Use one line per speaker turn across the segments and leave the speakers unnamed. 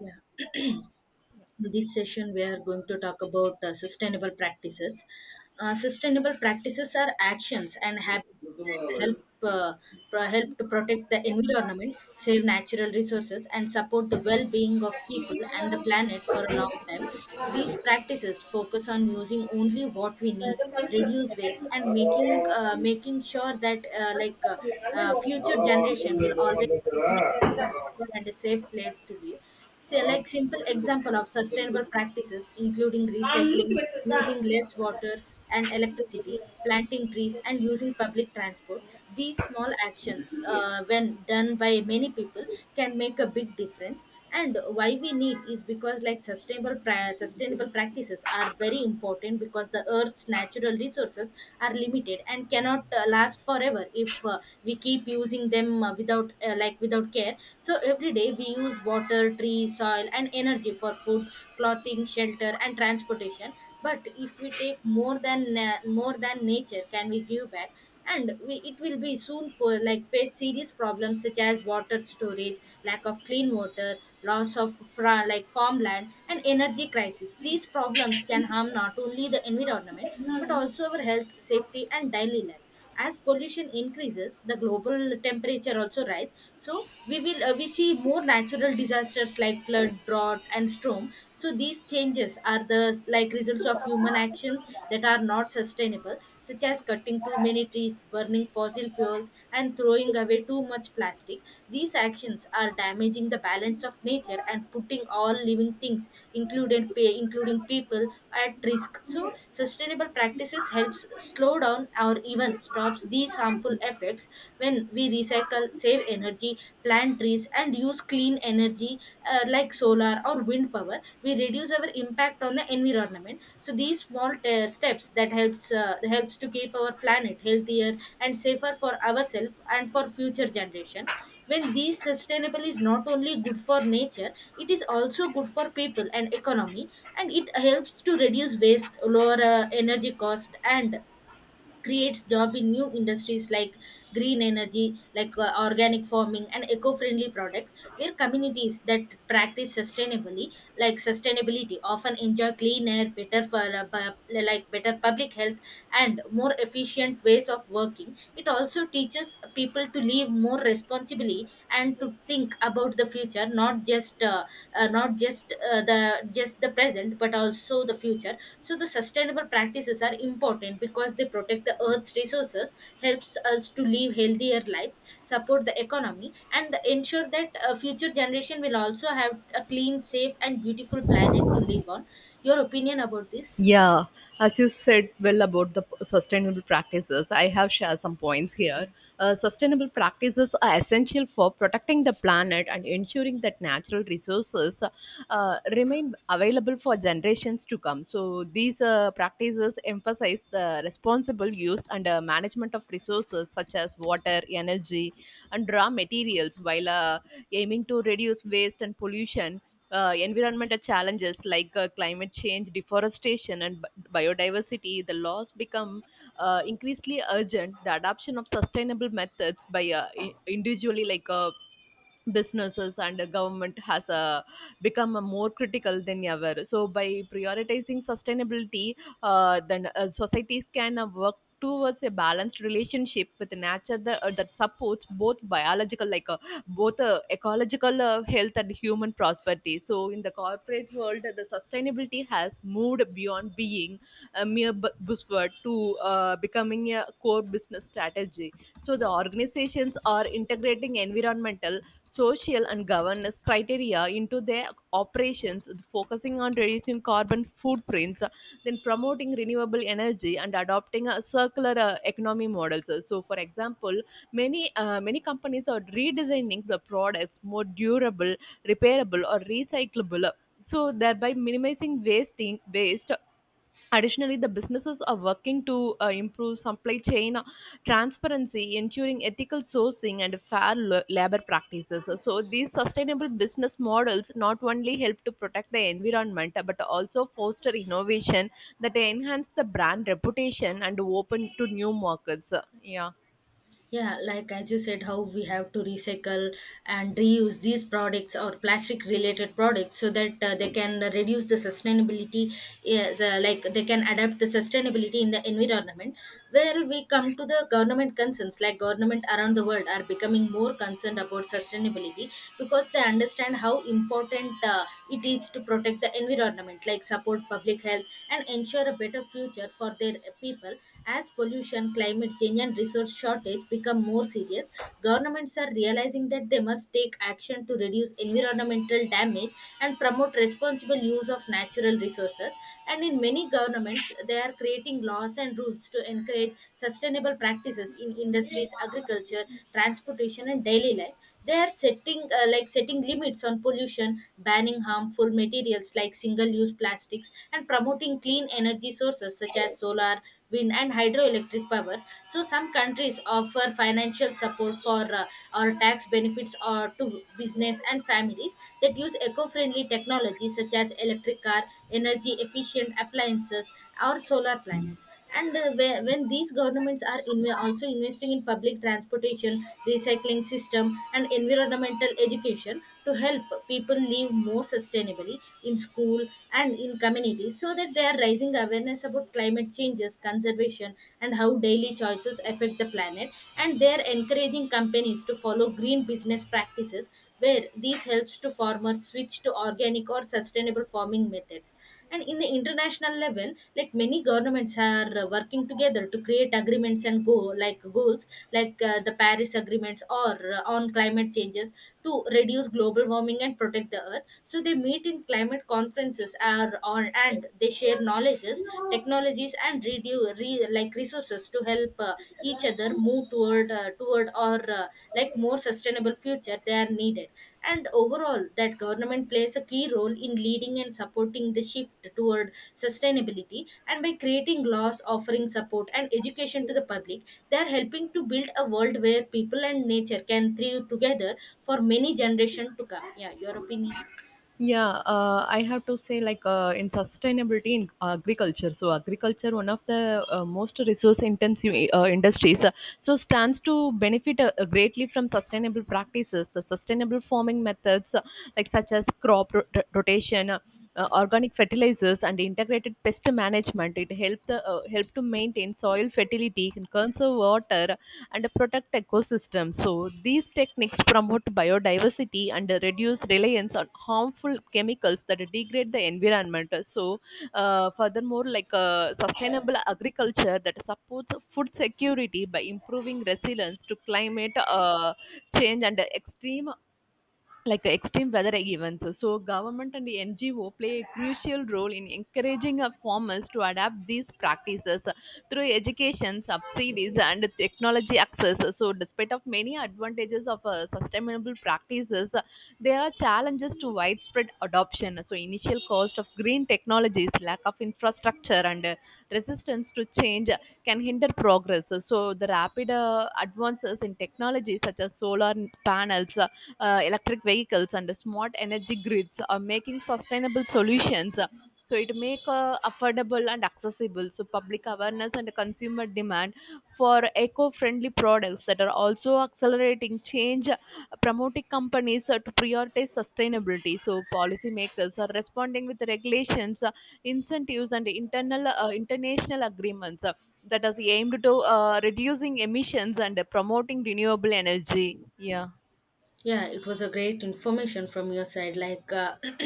Yeah. In this session, we are going to talk about sustainable practices. Sustainable practices are actions and habits that help help to protect the environment, save natural resources, and support the well-being of people and the planet for a long time. These practices focus on using only what we need, reduce waste, and making sure that future generation will always
அதெல்லாம்
water and a safe place to live. So, like simple example of sustainable practices, including recycling, using less water and electricity, planting trees, and using public transport. These small actions, when done by many people, can make a big difference, and why we need is because like sustainable practices are very important because the earth's natural resources are limited and cannot last forever if we keep using them without like without care. So every day we use water, tree, soil, and energy for food, clothing, shelter, and transportation, but if we take more than nature can we give back, and we, it will be soon for like face serious problems such as water storage, lack of clean water, loss of like farmland, and energy crisis. These problems can harm not only the environment but also our health, safety, and daily life. As pollution increases, the global temperature also rise, so we see more natural disasters like flood, drought, and storm. So these changes are the like results of human actions that are not sustainable, such as cutting too many trees, burning fossil fuels, and throwing away too much plastic. These actions are damaging the balance of nature and putting all living things, including people, at risk. So sustainable practices helps slow down or even stops these harmful effects. When we recycle, save energy, plant trees, and use clean energy, like solar or wind power, we reduce our impact on the environment. So these small steps that helps helps to keep our planet healthier and safer for ourselves and for future generation. When these sustainable is not only good for nature, it is also good for people and economy, and it helps to reduce waste, lower energy cost, and creates job in new industries like green energy, like organic farming and eco-friendly products, where communities that practice sustainably, like sustainability, often enjoy clean air, better like better public health and more efficient ways of working. It also teaches people to live more responsibly and to think about the future, not just not just the just the present but also the future. So the sustainable practices are important because they protect the earth's resources, helps us to live healthier lives, support the economy, and ensure that future generation will also have a clean, safe, and beautiful planet to live on. Your opinion about this?
Yeah, as you said well about the sustainable practices, I have shared some points here. Sustainable practices are essential for protecting the planet and ensuring that natural resources remain available for generations to come. So, these practices emphasize the responsible use and management of resources such as water, energy, and raw materials while aiming to reduce waste and pollution, environmental challenges like climate change, deforestation, and biodiversity, the laws become increasingly urgent. The adoption of sustainable methods by individually, businesses and the government has become a more critical than ever. So by prioritizing sustainability, then societies can work towards a balanced relationship with nature that, that supports both biological like both ecological health and human prosperity. So in the corporate world, the sustainability has moved beyond being a mere buzzword to becoming a core business strategy. So the organizations are integrating environmental, social, and governance criteria into their operations, focusing on reducing carbon footprints, then promoting renewable energy and adopting a circular economy models. So, for example, many companies are redesigning the products more durable, repairable, or recyclable, so thereby minimizing wasting waste Additionally, the businesses are working to improve supply chain transparency, ensuring ethical sourcing and fair labor practices. So, these sustainable business models not only help to protect the environment but also foster innovation that enhance the brand reputation and open to new markets. Yeah.
Yeah, like as you said, how we have to recycle and reuse these products or plastic related products so that they can reduce the sustainability, is, like they can adapt the sustainability in the environment. Where we come to the government concerns, like government around the world are becoming more concerned about sustainability because they understand how important it is to protect the environment, like support public health and ensure a better future for their people. As pollution, climate change, and resource shortage become more serious, governments are realizing that they must take action to reduce environmental damage and promote responsible use of natural resources. And in many governments, they are creating laws and rules to encourage sustainable practices in industries, agriculture, transportation, and daily life. They are setting like setting limits on pollution, banning harmful materials like single use plastics, and promoting clean energy sources such as solar, wind, and hydroelectric powers. So some countries offer financial support for or tax benefits or to business and families that use eco-friendly technology such as electric car, energy efficient appliances, or solar panels. And when these governments are also investing in public transportation, recycling system, and environmental education to help people live more sustainably in school and in communities, so that they are raising awareness about climate changes, conservation, and how daily choices affect the planet. And they are encouraging companies to follow green business practices, where these helps to farmers switch to organic or sustainable farming methods. And in the international level, like many governments are working together to create agreements and go like goals like the Paris agreements or on climate changes to reduce global warming and protect the earth. So they meet in climate conferences are on, and they share knowledges, technologies, and like resources to help each other move toward toward or like more sustainable future they are needed. And overall, that government plays a key role in leading and supporting the shift toward sustainability, and by creating laws, offering support and education to the public, they are helping to build a world where people and nature can thrive together for many generations to come. Yeah, your opinion?
Yeah, I have to say, in sustainability in agriculture. So agriculture, one of the most resource-intensive industries, so stands to benefit greatly from sustainable practices. The sustainable farming methods, like such as rotation, organic fertilizers and integrated pest management, it help to maintain soil fertility and conserve water and protect ecosystems. So these techniques promote biodiversity and reduce reliance on harmful chemicals that degrade the environment. So Furthermore, sustainable agriculture that supports food security by improving resilience to climate change and extreme like the extreme weather events. So government and the NGO play a crucial role in encouraging farmers to adapt these practices through education, subsidies, and technology access. So despite of many advantages of sustainable practices, there are challenges to widespread adoption. So initial cost of green technologies, lack of infrastructure, and resistance to change can hinder progress. So the rapid advances in technology such as solar panels, electric vehicles and smart energy grids are making sustainable solutions, so it make affordable and accessible. So public awareness and consumer demand for eco-friendly products that are also accelerating change, promoting companies to prioritize sustainability. So policymakers are responding with regulations, incentives and internal international agreements that is aimed to reducing emissions and promoting renewable energy. Yeah.
Yeah, it was a great information from your side, like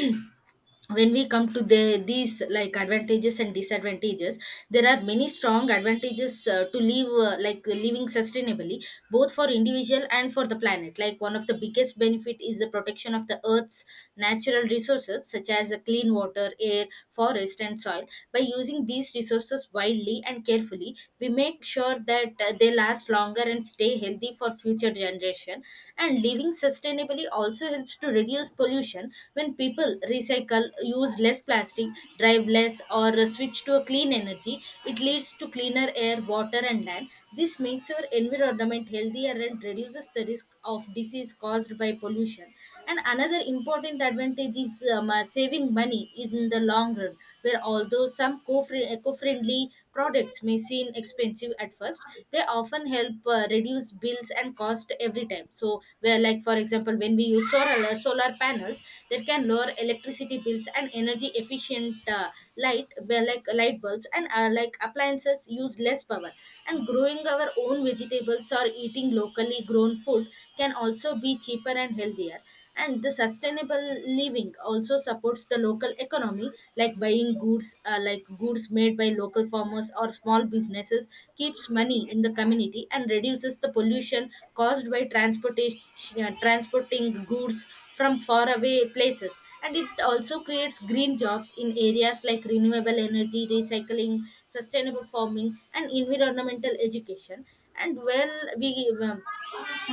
when we come to the these like advantages and disadvantages, there are many strong advantages to live like living sustainably, both for individual and for the planet. Like one of the biggest benefit is the protection of the earth's natural resources such as the clean water, air, forest, and soil. By using these resources widely and carefully, we make sure that they last longer and stay healthy for future generations question. And living sustainably also helps to reduce pollution. When people recycle, use less plastic, drive less, or switch to a clean energy, it leads to cleaner air, water, and land. This makes our environment healthier and reduces the risk of disease caused by pollution. And another important advantage is saving money in the long run, where although some eco-friendly products may seem expensive at first, they often help reduce bills and cost every time. So, where like for example, when we use solar panels, that can lower electricity bills and energy efficient. Light well, like light bulbs and like appliances use less power, and growing our own vegetables or eating locally grown food can also be cheaper and healthier. And the sustainable living also supports the local economy, like buying goods like goods made by local farmers or small businesses keeps money in the community and reduces the pollution caused by transportation transporting goods from faraway places. And it also creates green jobs in areas like renewable energy, recycling, sustainable farming, and environmental education. And well, we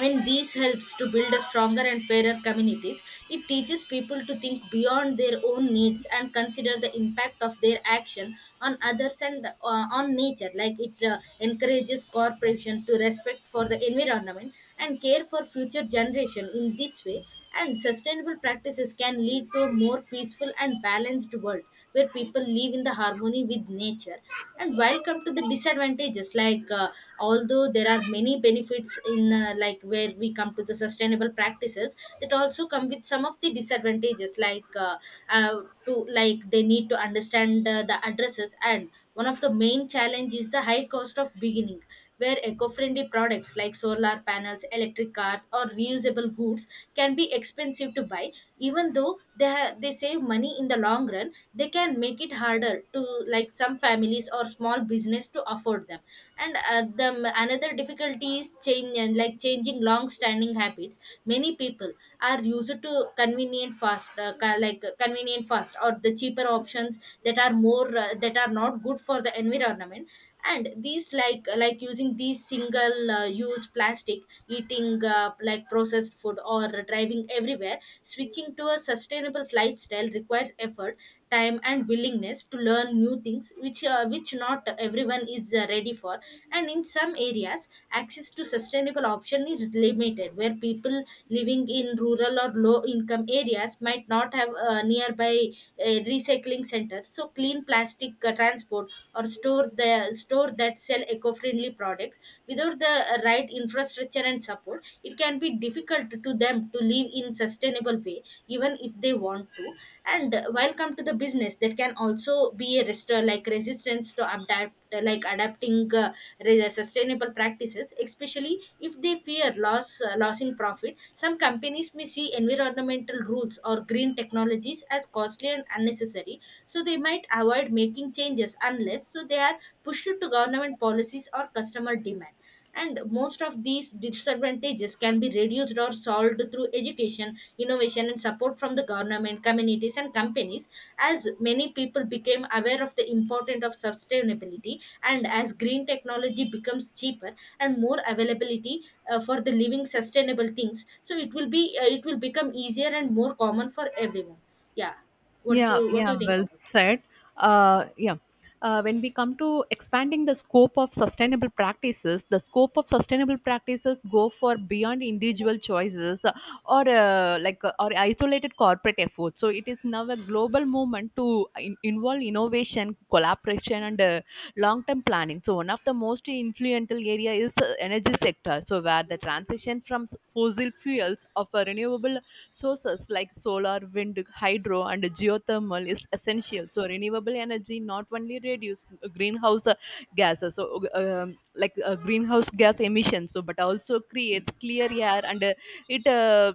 when these helps to build a stronger and fairer communities, it teaches people to think beyond their own needs and consider the impact of their action on others and on nature. Like it encourages corporation to respect for the environment and care for future generation. In this way, and sustainable practices can lead to a more peaceful and balanced world where people live in the harmony with nature. And while come to the disadvantages, like although there are many benefits in like where we come to the sustainable practices, that also come with some of the disadvantages, like to like they need to understand the addresses. And one of the main challenges is the high cost of beginning, where eco-friendly products like solar panels, electric cars, or reusable goods can be expensive to buy. Even though they save money in the long run, they can make it harder to like some families or small business to afford them. And the another difficulty is change and like changing long-standing habits. Many people are used to convenient fast, convenient fast or the cheaper options that are more that are not good for the environment, and these like using these single use plastic, eating like processed food, or driving everywhere. Switching to a sustainable lifestyle requires effort, time, and willingness to learn new things, which not everyone is ready for. And in some areas, access to sustainable option is limited, where people living in rural or low income areas might not have nearby recycling centers, so clean plastic domestic transport, or store that sell eco-friendly products. Without the right infrastructure and support, it can be difficult to them to live in sustainable way, even if they want to. And while come to the business, there can also be a resistance to adapt adapting sustainable practices, especially if they fear loss losing profit. Some companies may see environmental rules or green technologies as costly and unnecessary, so they might avoid making changes unless so they are pushed to government policies or customer demand. And most of these disadvantages can be reduced or solved through education, innovation, and support from the government, communities, and companies, as many people became aware of the importance of sustainability, and as green technology becomes cheaper and more availability for the living sustainable things. So it will be it will become easier and more common for everyone, yeah. what's
Yeah,
you what do you
yeah,
think
well
about it? Yeah,
said. Uh, yeah. When we come to expanding the scope of sustainable practices, the scope of sustainable practices go for beyond individual choices or isolated corporate efforts. So it is now a global movement to involve innovation, collaboration, and long-term planning. So one of the most influential area is energy sector. So where the transition from fossil fuels of a renewable sources like solar, wind, hydro, and geothermal is essential. So renewable energy not only reduce greenhouse gases, so like greenhouse gas emissions, so but also creates clear air and it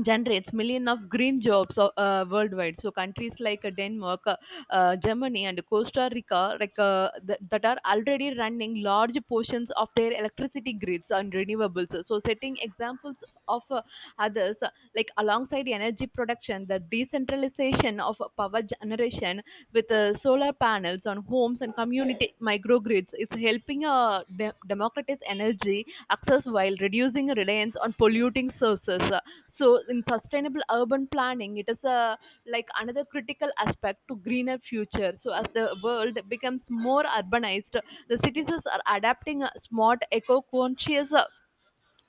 generates millions of green jobs worldwide. So countries like Denmark, Germany and Costa Rica, that are already running large portions of their electricity grids on renewables, so setting examples of others. Alongside energy production, the decentralization of power generation with solar panels on homes and community microgrids is helping democratize energy access while reducing reliance on polluting sources. So in sustainable urban planning, it is a another critical aspect to greener future. So as the world becomes more urbanized, the cities are adapting smart eco-conscious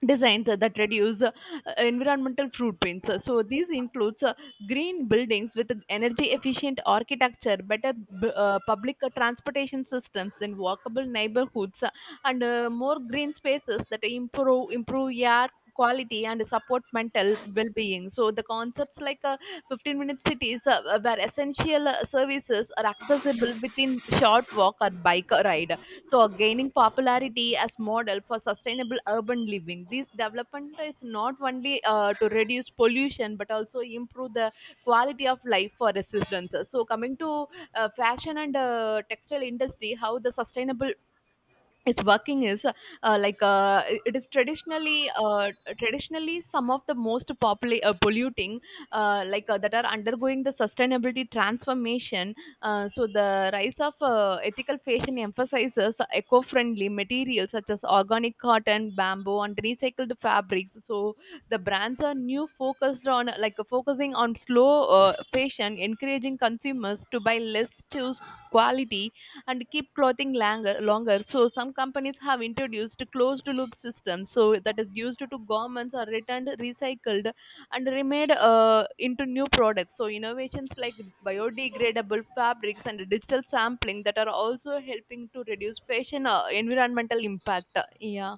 designs that reduce environmental footprints. So these includes green buildings with energy efficient architecture, better public transportation systems, then walkable neighborhoods, and more green spaces that improve air quality and support mental well-being. So the concepts like 15-minute cities where essential services are accessible within short walk or bike ride, so gaining popularity as model for sustainable urban living. This development is not only to reduce pollution but also improve the quality of life for residents. So coming to fashion and textile industry, how the sustainable is working is like it is traditionally traditionally some of the most polluting, that are undergoing the sustainability transformation. So the rise of ethical fashion emphasizes eco-friendly materials such as organic cotton, bamboo and recycled fabrics. So the brands are new focused on like focusing on slow fashion, encouraging consumers to buy less, choose quality, and keep clothing longer. So some companies have introduced closed loop systems, so that is used to garments are returned, recycled, and remade into new products. So innovations like biodegradable fabrics and digital sampling that are also helping to reduce fashion environmental impact. Yeah.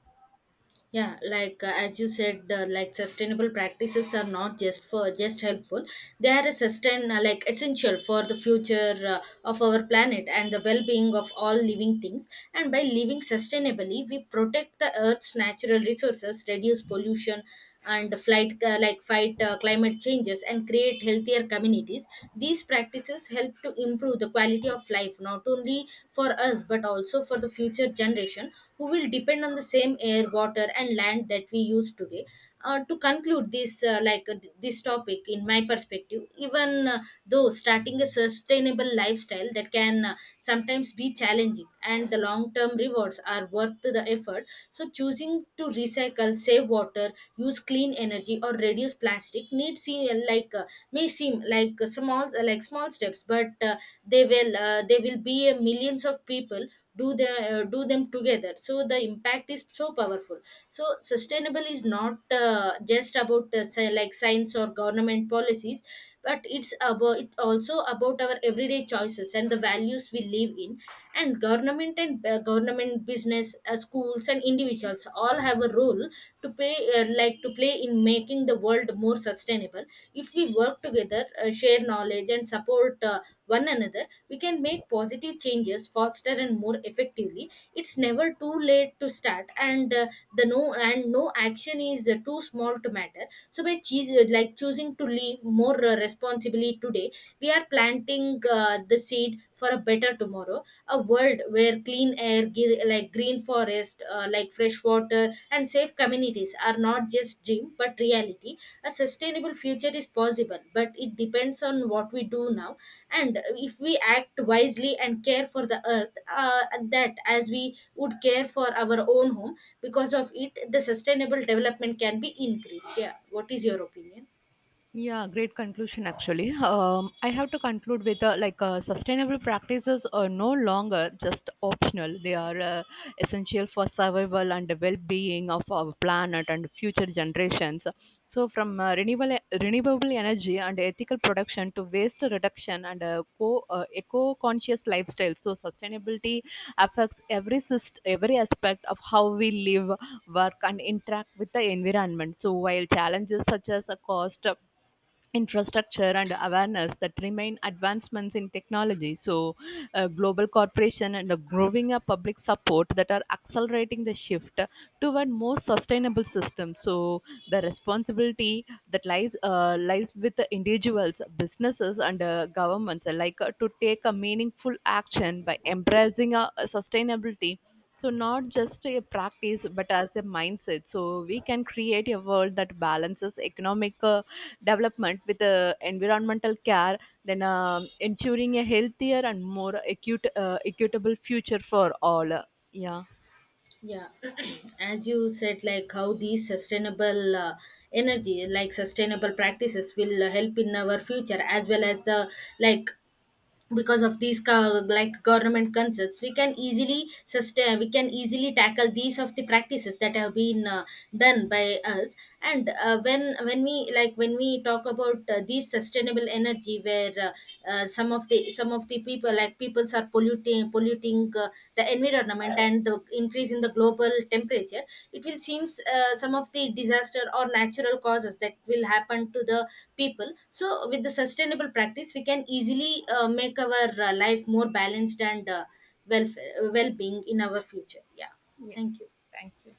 yeah like as you said, like sustainable practices are not just for just helpful, they are a sustain like essential for the future of our planet and the well-being of all living things. And by living sustainably, we protect the earth's natural resources, reduce pollution, and fight climate changes, and create healthier communities. These practices help to improve the quality of life, not only for us but also for the future generation who will depend on the same air, water, and land that we use today. To conclude this this topic in my perspective, even though starting a sustainable lifestyle that can sometimes be challenging, and the long term rewards are worth the effort. So choosing to recycle, save water, use clean energy, or reduce plastic need seem may seem like a small steps, but they will there will be a millions of people do the do them together, so the impact is so powerful. So sustainable is not just about like science or government policies, but it also about our everyday choices and the values we live in. And government, business, schools, and individuals all have a role to play to play in making the world more sustainable. If we work together, share knowledge, and support one another, we can make positive changes faster and more effectively. It's never too late to start, and the no and no action is too small to matter. So by choosing to live more responsibly today, we are planting the seed for a better tomorrow, a world where clean air, green forest, fresh water, and safe communities are not just dream but reality. A sustainable future is possible, but it depends on what we do now. And if we act wisely and care for the earth, that as we would care for our own home, because of it the sustainable development can be increased. Yeah, what is your opinion?
Yeah, great conclusion actually. I have to conclude with sustainable practices are no longer just optional. They are essential for survival and the well-being of our planet and future generations. So, from renewable energy and ethical production to waste reduction and eco-conscious lifestyle. So, sustainability affects every aspect of how we live, work, and interact with the environment. So, while challenges such as a cost, infrastructure and awareness that remain, advancements in technology, so global corporation and a growing up public support that are accelerating the shift toward more sustainable systems. So the responsibility that lies with the individuals, businesses and governments alike to take a meaningful action by embracing sustainability, so not just a practice but as a mindset, so we can create a world that balances economic development with environmental care, then ensuring a healthier and more equitable future for all. Yeah,
Yeah. As you said, like how these sustainable energy like sustainable practices will help in our future, as well as the like, because of these government concerns, we can easily tackle these of the practices that have been done by us. And when we like when we talk about these sustainable energy, where some of the people like peoples are polluting think the environment, and the increase in the global temperature, it will seems some of the disaster or natural causes that will happen to the people. So with the sustainable practice, we can easily make our life more balanced and well well being in our future. Yeah, thank you.
thank you.